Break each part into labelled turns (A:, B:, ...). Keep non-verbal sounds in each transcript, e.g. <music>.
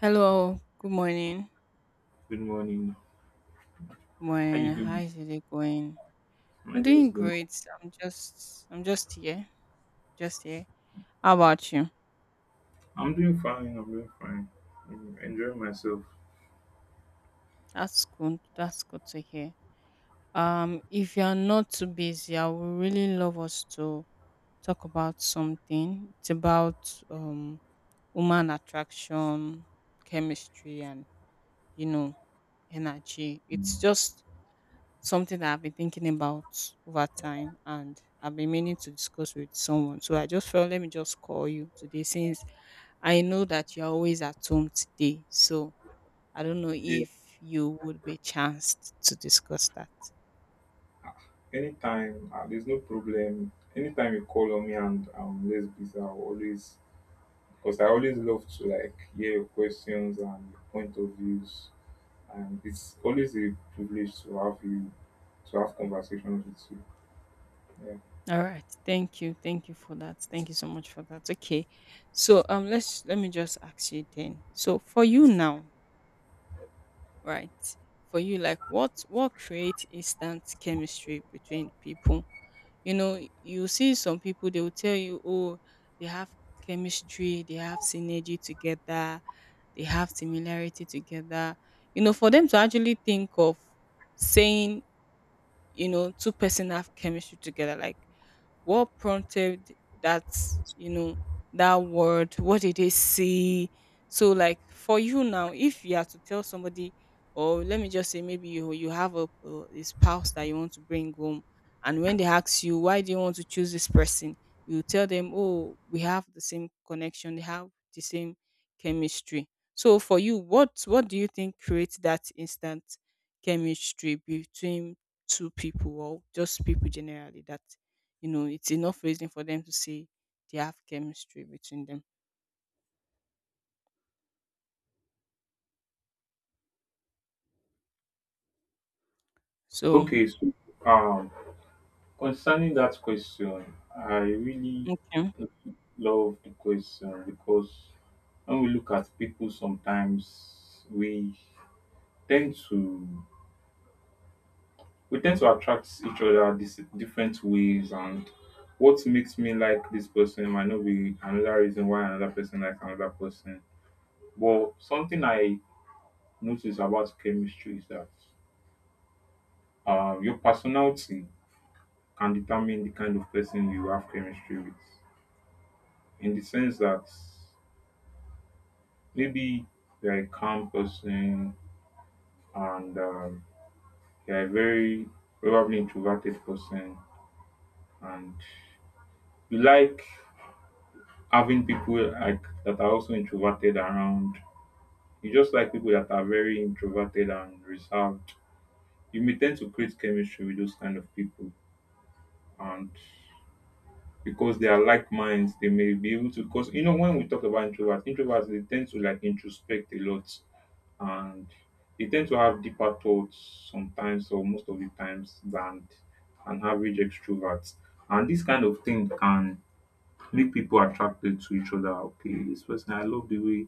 A: Hello, good morning.
B: Good morning.
A: Good
B: How you
A: morning. How
B: doing?
A: is your day going? I'm
B: My day is
A: doing
B: good.
A: great. I'm just here. Just here. How about you?
B: I'm doing fine. I'm doing fine. I'm enjoying myself.
A: That's good. That's good to hear. If you're not too busy, I would really love us to talk about something. It's about human attraction, chemistry and you know, energy. It's just something that I've been thinking about over time, and I've been meaning to discuss with someone. So I just felt let me just call you today since I know that you're always at home today. So I don't know
B: Yeah.
A: if you would be chanced to discuss that.
B: Anytime, there's no problem. Anytime you call on me and let's be, I'll always because I always love to like hear your questions and your point of views, and it's always a privilege to have you to have conversations with you. Yeah.
A: All right. Thank you. Thank you for that. Thank you so much for that. Okay. So let me just ask you then. So for you now, right, for you, like what creates instant chemistry between people? You know, you see some people, they will tell you, oh, they have chemistry, they have synergy together, they have similarity together. You know, for them to actually think of saying, you know, two-person have chemistry together, like what prompted that, you know, that word? What did they say? So, like for you now, if you are to tell somebody, or let me just say, maybe you have a spouse that you want to bring home, and when they ask you why do you want to choose this person, you tell them, oh, we have the same connection, they have the same chemistry. So for you, what do you think creates that instant chemistry between two people or just people generally that, you know, it's enough reason for them to say they have chemistry between them? So,
B: Okay, so um, concerning that question, I really
A: okay.
B: love the question because when we look at people sometimes we tend to tend to attract each other this different ways, and what makes me like this person might not be another reason why another person likes another person. But something I notice about chemistry is that your personality can determine the kind of person you have chemistry with. In the sense that maybe you're a calm person and you're a very probably introverted person, and you like having people like that are also introverted around. You just like people that are very introverted and reserved. You may tend to create chemistry with those kind of people. And because they are like minds, they may be able to, because you know when we talk about introverts, introverts they tend to like introspect a lot, and they tend to have deeper thoughts sometimes or most of the times than an average extrovert. And this kind of thing can make people attracted to each other. Okay, this person I love the way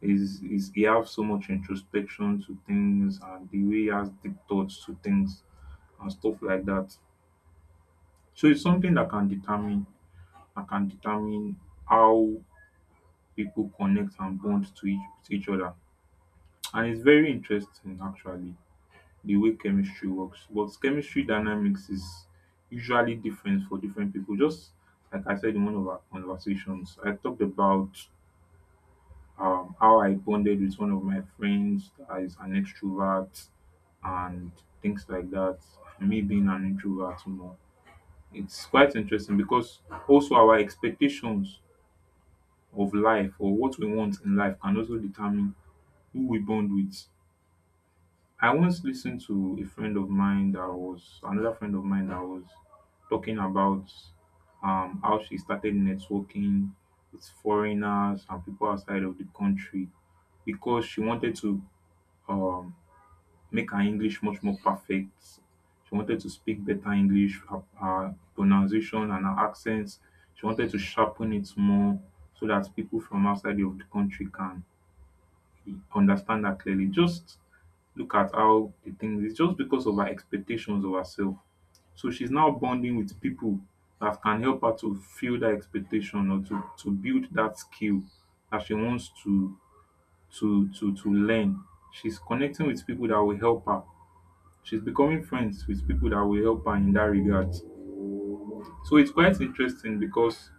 B: is he has so much introspection to things and the way he has deep thoughts to things and stuff like that. So it's something that can determine that can determine how people connect and bond to to each other. And it's very interesting actually, the way chemistry works. But chemistry dynamics is usually different for different people. Just like I said in one of our conversations, I talked about how I bonded with one of my friends that is an extrovert and things like that. Me being an introvert more. It's quite interesting because also our expectations of life or what we want in life can also determine who we bond with. I once listened to a friend of mine that was another friend of mine that was talking about how she started networking with foreigners and people outside of the country because she wanted to um, make her English much more perfect. She wanted to speak better English, her pronunciation and her accents. She wanted to sharpen it more so that people from outside of the country can understand her clearly. Just look at how the thing is just because of her expectations of herself. So she's now bonding with people that can help her to feel that expectation or to build that skill that she wants to to learn. She's connecting with people that will help her. She's becoming friends with people that will help her in that regard. So it's quite interesting because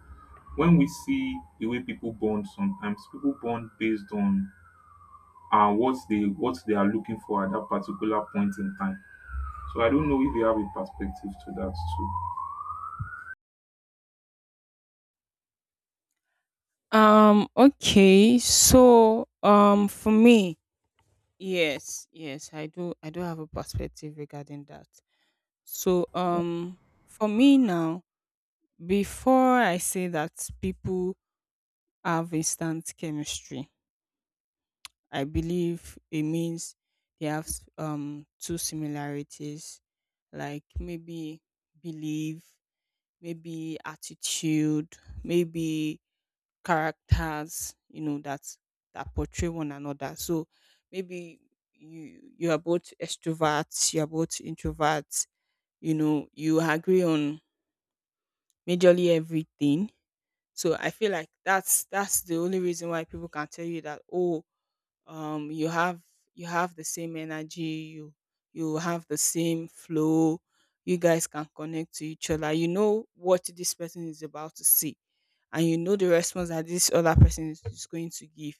B: when we see the way people bond sometimes, people bond based on what they are looking for at that particular point in time. So I don't know if you have a perspective to that too.
A: Okay. So, for me, yes, I do have a perspective regarding that. So, for me now, before I say that people have instant chemistry, I believe it means they have two similarities, like maybe belief, maybe attitude, maybe characters, you know, that portray one another. So maybe you are both extroverts, you are both introverts, you know, you agree on majorly everything. So I feel like that's the only reason why people can tell you that, oh, you have, you have the same energy, you you have the same flow, you guys can connect to each other. You know what this person is about to see, and you know the response that this other person is going to give,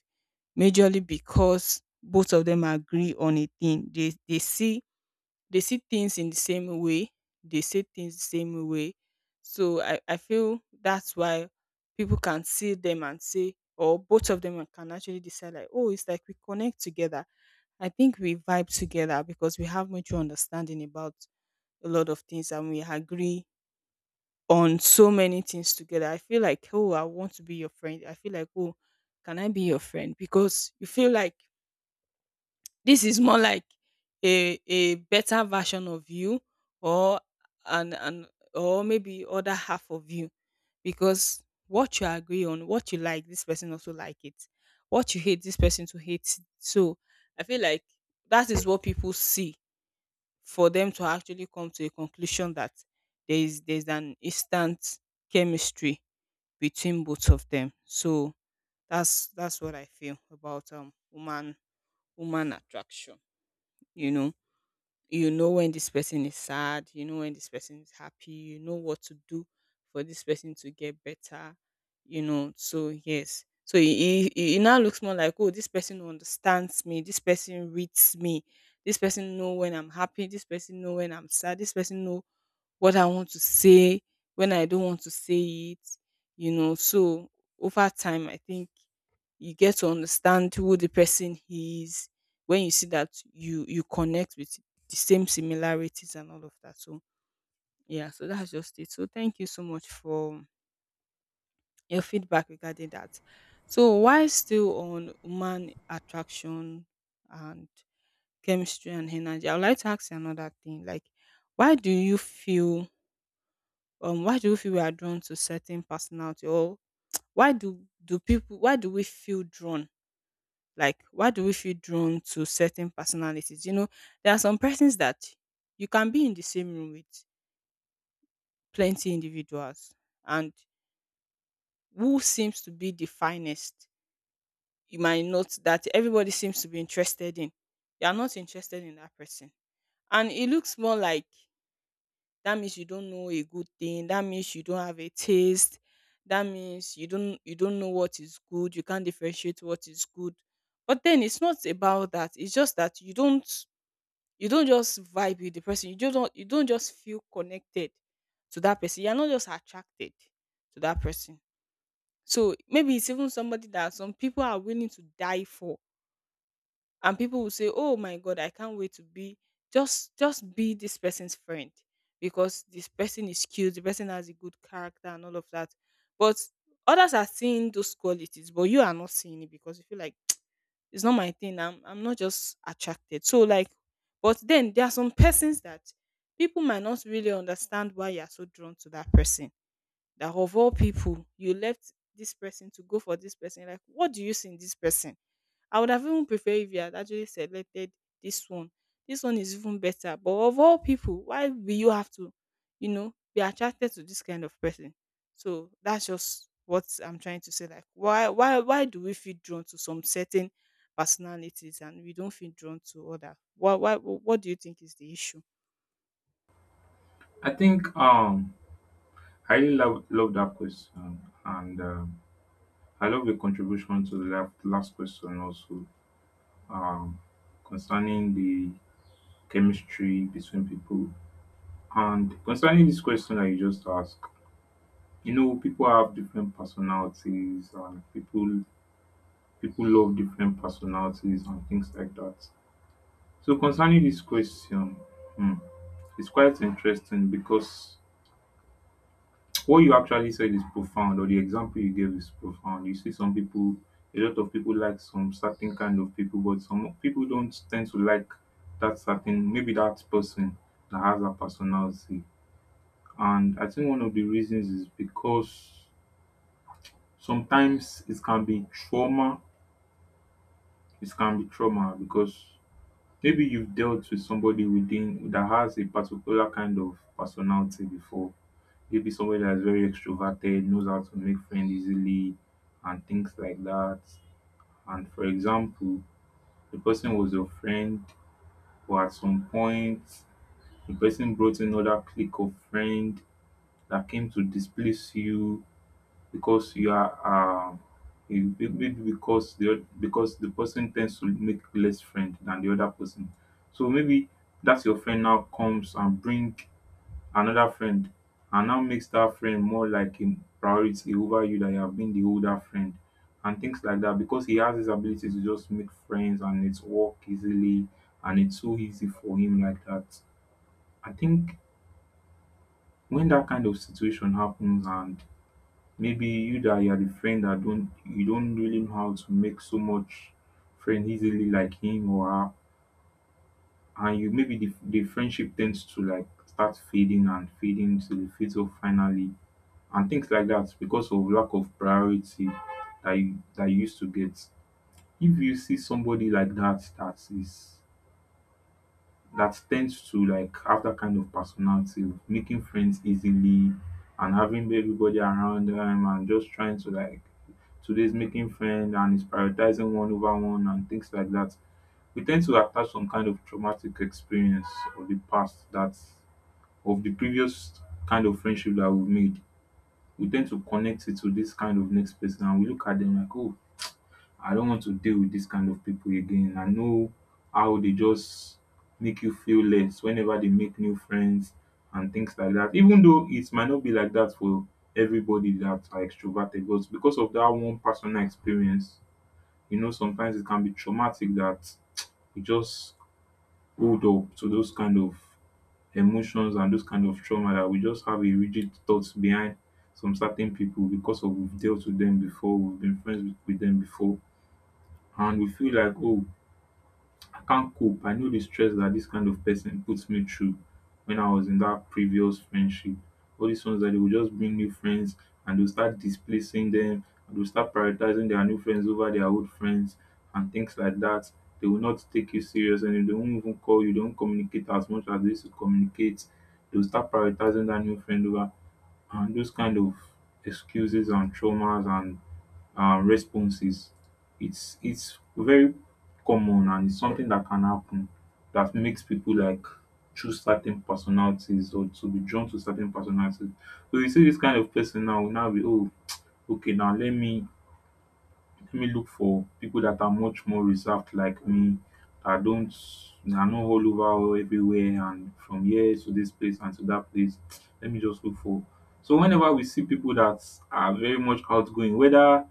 A: majorly because both of them agree on a thing they, they see things in the same way, they say things the same way. So I feel that's why people can see them and say, or both of them can actually decide like, oh, it's like we connect together, I think we vibe together because we have mutual understanding about a lot of things and we agree on so many things together. I feel like, oh, I want to be your friend. I feel like, oh, can I be your friend? Because you feel like this is more like a better version of you, or an or maybe other half of you. Because what you agree on, what you like, this person also like it. What you hate, this person to hate. It. So I feel like that is what people see for them to actually come to a conclusion that there's an instant chemistry between both of them. So that's what I feel about woman attraction. You know, you know when this person is sad, you know when this person is happy, you know what to do for this person to get better. You know, so yes. So it now looks more like, oh, this person understands me. This person reads me. This person know when I'm happy. This person know when I'm sad. This person know what I want to say, when I don't want to say it, you know. So over time, I think you get to understand who the person is when you see that you connect with the same similarities and all of that. So yeah, so that's just it. So thank you so much for your feedback regarding that. So while still on human attraction and chemistry and energy, I would like to ask you another thing. Like, why do you feel why do we feel we are drawn to certain personality, or why do we feel drawn, like why do we feel drawn to certain personalities? You know, there are some persons that you can be in the same room with plenty individuals, and who seems to be the finest, you might note that everybody seems to be interested in, you are not interested in that person, and it looks more like, that means you don't know a good thing. That means you don't have a taste. That means you don't know what is good. You can't differentiate what is good. But then it's not about that. It's just that you don't, you don't just vibe with the person. You just don't, you don't just feel connected to that person. You're not just attracted to that person. So maybe it's even somebody that some people are willing to die for, and people will say, oh my god, I can't wait to be just be this person's friend, because this person is cute, the person has a good character and all of that. But others are seeing those qualities but you are not seeing it because you feel like <tsk> it's not my thing, I'm not just attracted, so like. But then there are some persons that people might not really understand why you are so drawn to that person, that of all people you left this person to go for this person, like what do you see in this person? I would have even preferred if you had actually selected this one. This one is even better. But of all people, why will you have to, you know, be attracted to this kind of person? So that's just what I'm trying to say. Like, why do we feel drawn to some certain personalities and we don't feel drawn to other? What do you think is the issue?
B: I think I really love that question, and I love the contribution to the last question also, um, concerning the chemistry between people. And concerning this question that you just asked, you know, people have different personalities, and people love different personalities and things like that. So concerning this question, hmm, it's quite interesting because what you actually said is profound, or the example you gave is profound. You see some people, a lot of people like some certain kind of people, but some people don't tend to like that certain maybe that person that has that personality. And I think one of the reasons is because sometimes it can be trauma. It can be trauma because maybe you've dealt with somebody within that has a particular kind of personality before. Maybe somebody that's very extroverted, knows how to make friends easily, and things like that. And for example, the person was your friend, but at some point, the person brought another clique of friend that came to displace you because you are maybe because the because the person tends to make less friend than the other person. So maybe that's your friend now comes and bring another friend, and now makes that friend more like a priority over you that you have been the older friend and things like that, because he has his ability to just make friends and it's work easily and it's so easy for him like that. I think when that kind of situation happens, and maybe you that you are the friend that don't really know how to make so much friend easily like him or her, and you maybe the friendship tends to like start fading and fading till it fades off finally and things like that, because of lack of priority that you used to get. If you see somebody like that that is that tends to like have that kind of personality of making friends easily and having everybody around them and just trying to like today's making friends and is prioritizing one over one and things like that, we tend to attach some kind of traumatic experience of the past that of the previous kind of friendship that we've made. We tend to connect it to this kind of next person, and we look at them like, oh, I don't want to deal with this kind of people again. I know how they just make you feel less whenever they make new friends and things like that. Even though it might not be like that for everybody that are extroverted, but because of that one personal experience, you know, sometimes it can be traumatic that we just hold up to those kind of emotions and those kind of trauma, that we just have a rigid thoughts behind some certain people because of we've dealt with them before, we've been friends with them before, and we feel like, oh, I can't cope, I know the stress that this kind of person puts me through when I was in that previous friendship. All these ones that they will just bring new friends, and they'll start displacing them, and they'll start prioritizing their new friends over their old friends and things like that. They will not take you serious, and they won't even call you, they won't communicate as much as they used to communicate. They'll start prioritizing that new friend over, and those kind of excuses and traumas and responses, it's very common, and it's something that can happen that makes people like choose certain personalities or to be drawn to certain personalities. So you see this kind of person now will now be, oh, okay, now let me look for people that are much more reserved like me. That don't, are not all over or everywhere and from here to this place and to that place. Let me just look for. So whenever we see people that are very much outgoing,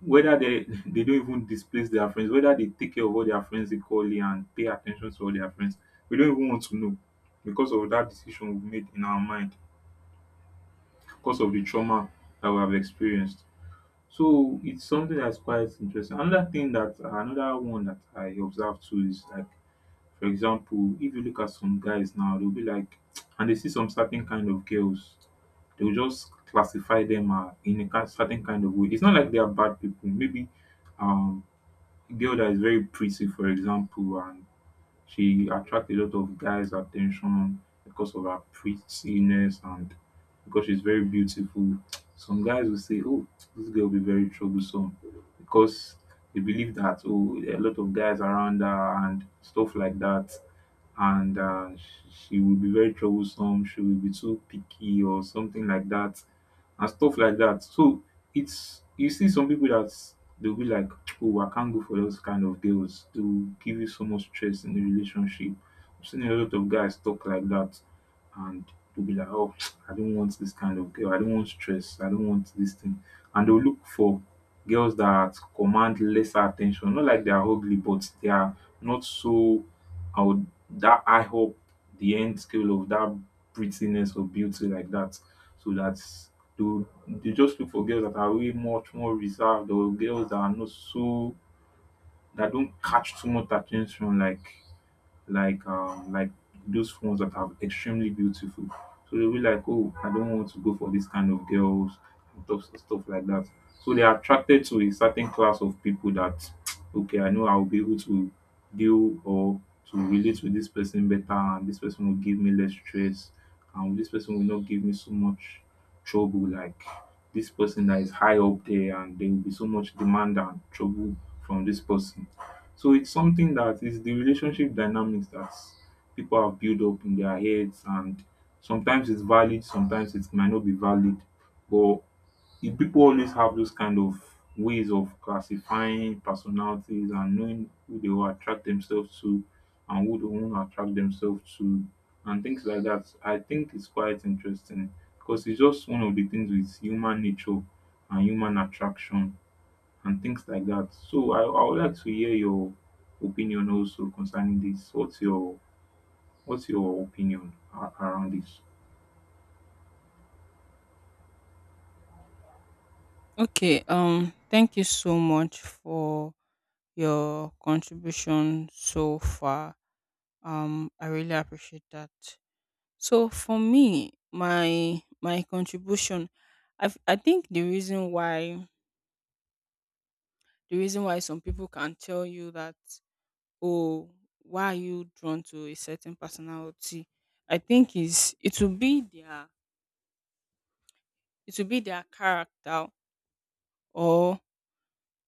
B: whether they <laughs> they don't even displace their friends, whether they take care of all their friends equally and pay attention to all their friends, we don't even want to know because of that decision we made in our mind, because of the trauma that we have experienced. So it's something that's quite interesting. Another thing that another one that I observe too is like, for example, if you look at some guys now, they'll be like, <tsk> and they see some certain kind of girls, they'll just classify them in a certain kind of way. It's not like they are bad people. Maybe um, a girl that is very pretty, for example, and she attracts a lot of guys' attention because of her prettiness and because she's very beautiful. Some guys will say, "Oh, this girl will be very troublesome," because they believe that, oh, there are a lot of guys around her and stuff like that, and she will be very troublesome. She will be too picky or something like that, and stuff like that. So it's you see some people that they'll be like, oh, I can't go for those kind of girls. To give you so much stress in the relationship. I've seen a lot of guys talk like that, and they'll be like, oh, <tsk> I don't want this kind of girl. I don't want stress. I don't want this thing. And they'll look for girls that command lesser attention. Not like they are ugly, but they are not so out that I hope the end scale of that prettiness or beauty like that. So that's they'll they just look for girls that are way much more reserved or girls that are not so that don't catch too much attention like those ones that are extremely beautiful. So they'll be like, oh, I don't want to go for this kind of girls and stuff like that. So they are attracted to a certain class of people that, <tsk> okay, I know I'll be able to deal or to relate with this person better, and this person will give me less stress, and this person will not give me so much trouble. Like this person that is high up there, and there will be so much demand and trouble from this person. So it's something that is the relationship dynamics that people have built up in their heads, and sometimes it's valid, sometimes it might not be valid. But if people always have those kind of ways of classifying personalities and knowing who they will attract themselves to and who they won't attract themselves to, and things like that, I think it's quite interesting because it's just one of the things with human nature and human attraction and things like that. So I would like to hear your opinion also concerning this. What's your opinion around this?
A: Okay, thank you so much for your contribution so far. I really appreciate that. So for me, my contribution, I think the reason why some people can tell you that, oh, why are you drawn to a certain personality, I think is it will be their character, or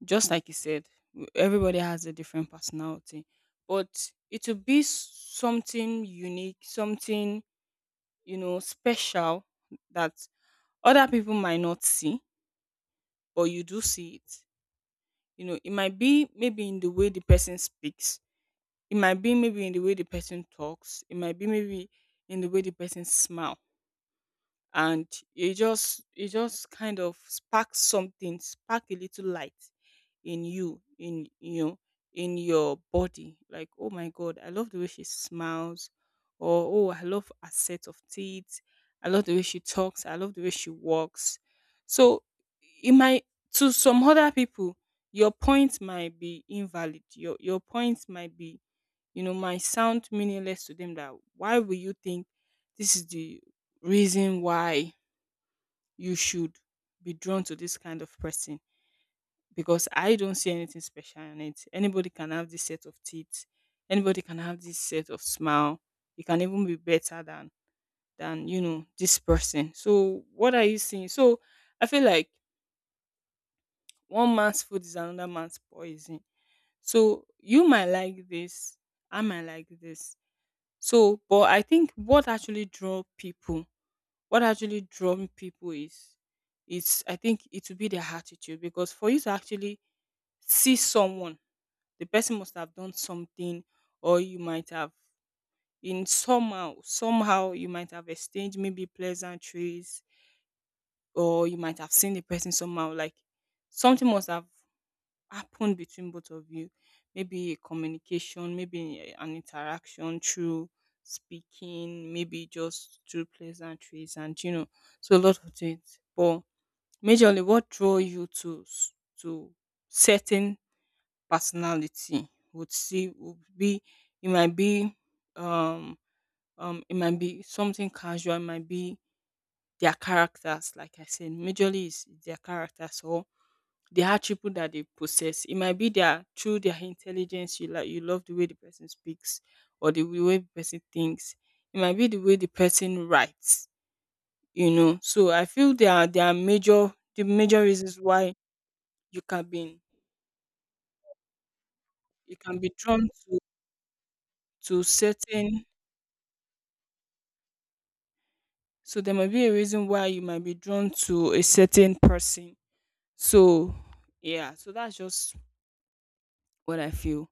A: just like you said, everybody has a different personality, but it will be something unique, something, you know, special that other people might not see, but you do see it. You know, it might be maybe in the way the person speaks, it might be maybe in the way the person talks, it might be maybe in the way the person smiles, and it just kind of sparks something, spark a little light in you, in, you know, in your body, like, oh my god, I love the way she smiles, or oh, I love her set of teeth, I love the way she talks, I love the way she walks. So it might, to some other people, your point might be invalid, your point might be, you know, might sound meaningless to them, that why will you think this is the reason why you should be drawn to this kind of person? Because I don't see anything special in it. Anybody can have this set of teeth, anybody can have this set of smile. You can even be better than you know this person. So what are you seeing? So I feel like one man's food is another man's poison. So you might like this, I might like this. So, but I think what actually draw people, what actually drawn people is I think it will be their attitude, because for you to actually see someone, the person must have done something, or you might have, in somehow you might have exchanged maybe pleasantries, or you might have seen the person somehow, like something must have happen between both of you. Maybe a communication, maybe an interaction through speaking, maybe just through pleasantries, and you know, so a lot of things. But majorly, what draw you to to certain personality would see would be, it might be, um it might be something casual, it might be their characters, like I said, majorly is their characters or the attribute that they possess. It might be their through their intelligence, you like, you love the way the person speaks or the way the person thinks. It might be the way the person writes, you know. So I feel the major reasons why you can be you can be drawn to to certain so there might be a reason why you might be drawn to a certain person. So yeah, so that's just what I feel.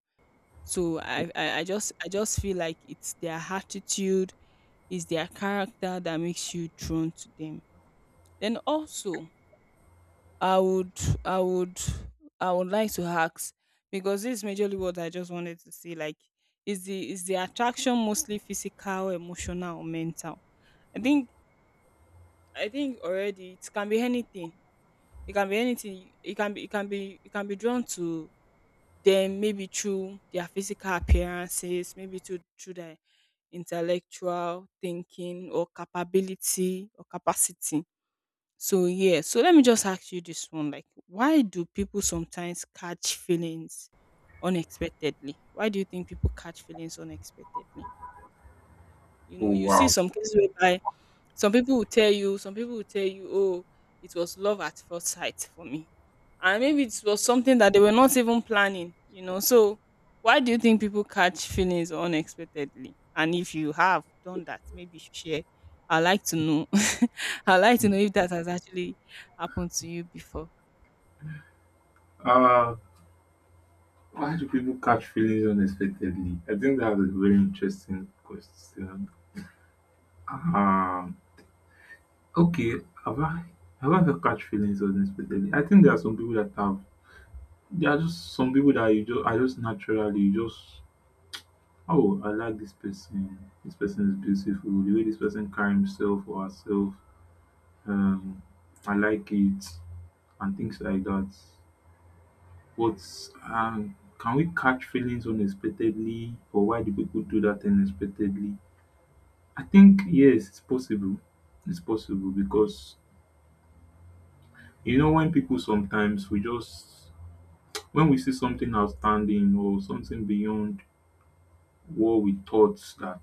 A: So I just feel like it's their attitude. It's their character that makes you drawn to them. Then also, I would, I would, I would like to ask, because this is majorly what I just wanted to say. Like, is the attraction mostly physical, emotional, or mental? I think I think already it can be anything. It can be anything. It can be You can be drawn to them maybe through their physical appearances, maybe to through their intellectual thinking or capability or capacity. So yeah, so let me just ask you this one: like, why do people sometimes catch feelings unexpectedly? Why do you think people catch feelings unexpectedly? You
B: Oh,
A: know, you see
B: wow.
A: some cases whereby some people will tell you, oh, it was love at first sight for me. And maybe it was something that they were not even planning, you know. So why do you think people catch feelings unexpectedly? And if you have done that, maybe share. I'd like to know. <laughs> I'd like to know if that has actually happened to you before.
B: Uh why do people catch feelings unexpectedly? I think that's a very interesting question. Um okay, have I have I ever catch feelings unexpectedly? I think there are just some people that you just are just naturally you just oh I like this person. This person is beautiful. The way this person carry himself or herself, um, I like it, and things like that. But can we catch feelings unexpectedly, or why do people do that unexpectedly? I think yes, it's possible. It's possible because you know when people sometimes we just when we see something outstanding or something beyond what we thought that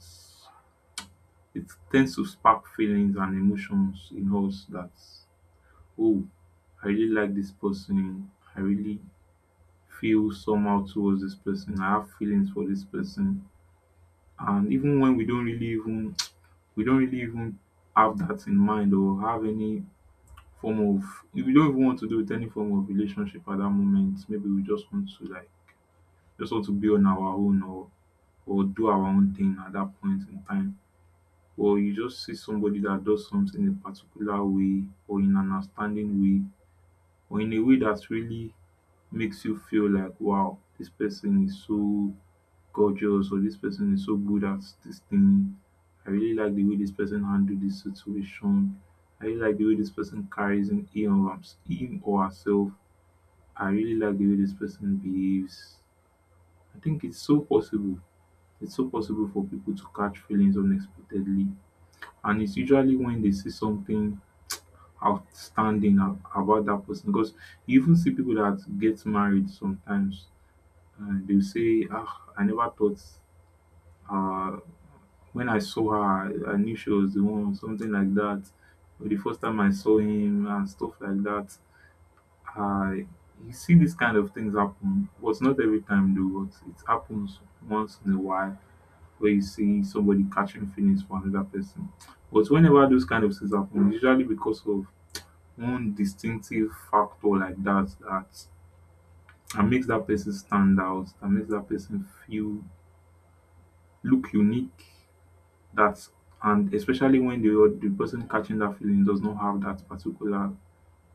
B: it tends to spark feelings and emotions in us that oh, I really like this person. I really feel somehow towards this person. I have feelings for this person. And even when we don't really even <tsk> we don't really even have that in mind or have any form of if we don't even want to do with any form of relationship at that moment. Maybe we just want to just want to be on our own or do our own thing at that point in time. Or you just see somebody that does something in a particular way or in an outstanding way or in a way that really makes you feel like wow, this person is so gorgeous, or this person is so good at this thing. I really like the way this person handled this situation. I really like the way this person carries in him or herself. I really like the way this person behaves. I think it's so possible. It's so possible for people to catch feelings unexpectedly, and it's usually when they see something outstanding about that person because you even see people that get married sometimes and they'll say, ah, I never thought, uh when I saw her, I knew she was the one, something like that. But the first time I saw him and stuff like that, I, you see these kind of things happen. But not every time though, but it happens once in a while where you see somebody catching feelings for another person. But whenever those kind of things happen, usually because of one distinctive factor like that that makes that person stand out, that makes that person feel look unique, that and especially when the person catching that feeling does not have that particular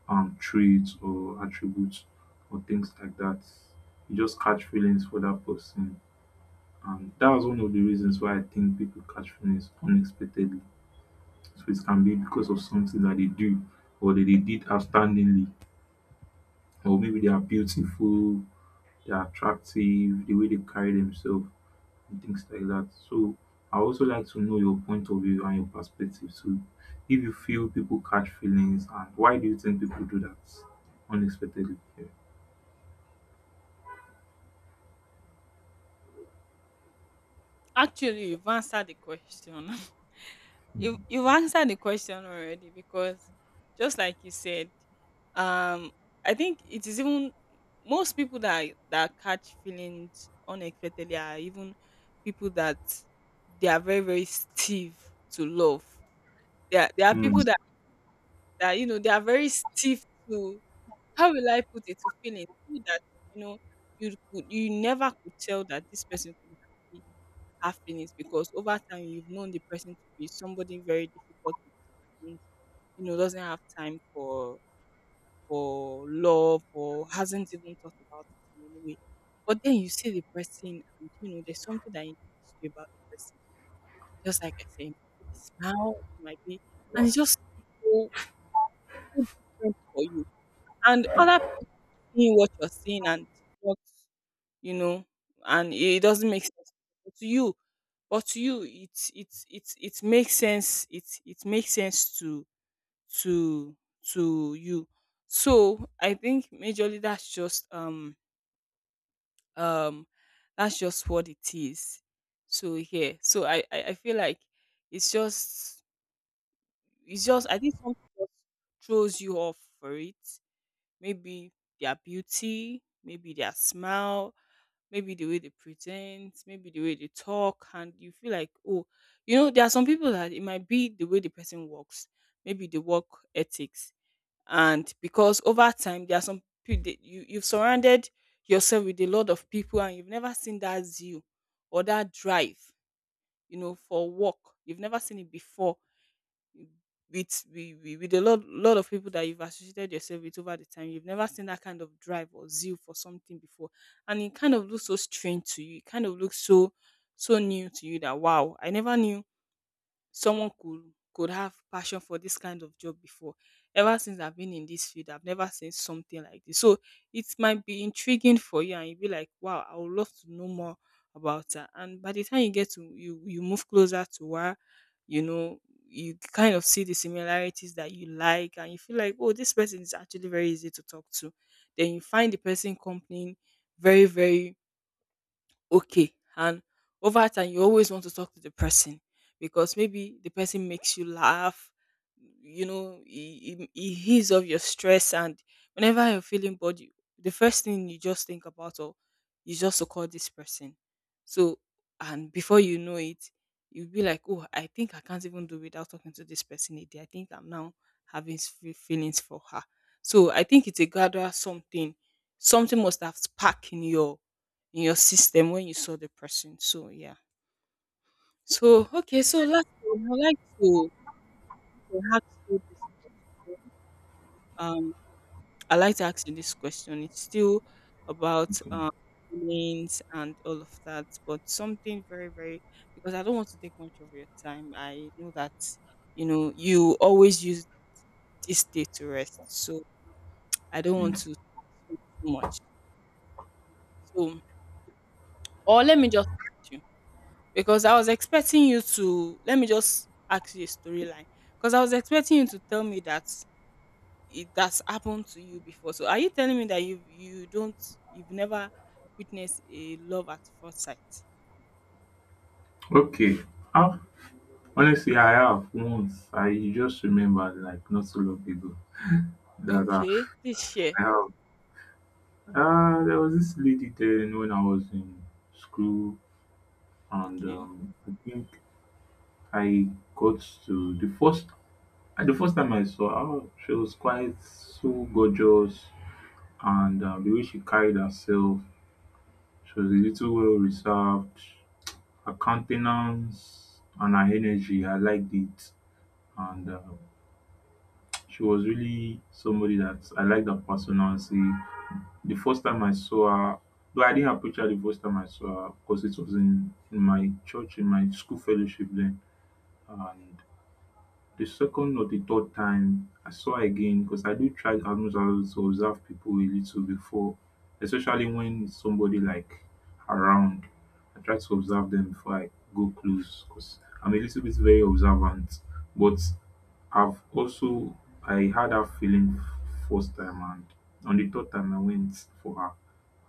B: trait or attributes or things like that, you just catch feelings for that person. And that was one of the reasons why I think people catch feelings unexpectedly. So it can be because of something that they do or that they did outstandingly, or maybe they are beautiful, they are attractive, the way they carry themselves and things like that. So I also like to know your point of view and your perspective. So if you feel people catch feelings and why do you think people do that unexpectedly? Yeah.
A: Actually, you've answered the question. <laughs> You've answered the question already, because just like you said, um I think it is even most people that catch feelings unexpectedly are even people that they are very very stiff to love. There are
B: Mm,
A: people that, that you know, they are very stiff to, how will I put it, to feelings. People that you know, you never could tell that this person could half-feelings, because over time you've known the person to be somebody very difficult with decisions, you know, doesn't have time for love, or hasn't even thought about it in any way. But then you see the person and you know there's something that interests you about the person. Just like I said, it might be the smile, it might be, and it's just so, so different for you. And other people seeing what you're seeing and what, you know, and it doesn't make sense to you. But to you, it's it makes sense. It makes sense to to to you. So I think majorly um that's just what it is. So yeah, so I feel like it's just it's just, I think something just throws you off for it. Maybe their beauty, maybe their smile, maybe the way they present, maybe the way they talk, and you feel like, oh, you know, there are some people that it might be the way the person works, maybe the work ethics. And because over time there are some people that you've surrounded yourself with a lot of people and you've never seen that zeal or that drive, you know, for work. You've never seen it before with with a lot of people that you've associated yourself with. Over the time, you've never seen that kind of drive or zeal for something before, and it kind of looks so strange to you. It kind of looks so new to you, that wow, I never knew someone could have passion for this kind of job before. Ever since I've been in this field, I've never seen something like this. So it might be intriguing for you, and you'll be like, "Wow, I would love to know more about her." And by the time you move closer to her, you know, you kind of see the similarities that you like, and you feel like, "Oh, this person is actually very easy to talk to." Then you find the person company very, very okay, and over time you always want to talk to the person, because maybe the person makes you laugh. You know, he ease off your stress, and whenever you're feeling bored, you, the first thing you just think about or is just to call this person. So, and before you know it, you'll be like, oh, I think I can't even do without talking to this person a day. I think I'm now having feelings for her. So I think it's a gradual something, something must have sparked in your, in your system when you saw the person. So yeah. So okay, so last I'd like to ask you this, um I like to ask you this question. It's still about
B: okay.
A: feelings and all of that, but something very, very, because I don't want to take much of your time. I know that you know you always use this day to rest, so I don't want
B: Yeah.
A: to do too much. So, or let me just ask you, because I was expecting you to, let me just ask you a storyline, because I was expecting you to tell me that it that's happened to you before. So are you telling me that you don't, you've never witnessed a love at first sight?
B: Okay. Ah, honestly, I have once. I just remembered like not so long ago that I
A: Okay, please share.
B: I have. Ah, there was this lady then when I was in school, and
A: Okay,
B: I think I got to the first the first time I saw her, she was quite so gorgeous, and the way she carried herself, she was a little well reserved. Her countenance and her energy, I liked it, and she was really somebody that I liked her personality. The first time I saw her, though I didn't approach her the first time I saw her because it was in my church, in my school fellowship then, and the second or the third time I saw again because I do try almost always to observe people a little before, especially when it's somebody like around, I try to observe them before I go close because I'm a little bit very observant. But i've also I had that feeling first time, and on the third time I went for her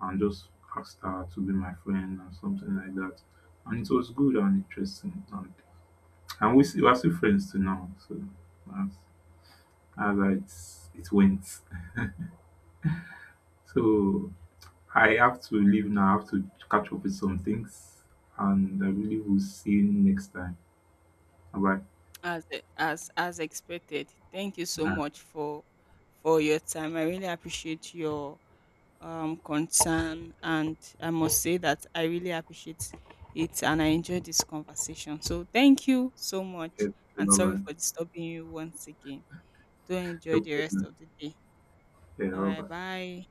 B: and just asked her to be my friend and something like that, and it was good and interesting, and we're still friends to now. So as that's how it went. So I have to leave now. I have to catch up with some things, and I really will see you next time. Bye bye.
A: as as expected. Thank you so much for your time. I really appreciate your, concern. And I must say that I really appreciate it, and I enjoyed this conversation. So thank you so much.
B: Bye
A: And sorry
B: bye.
A: for disturbing you once again. Do enjoy
B: No
A: the rest
B: problem.
A: of the day.
B: Yeah,
A: All
B: bye
A: right.
B: bye.
A: Bye.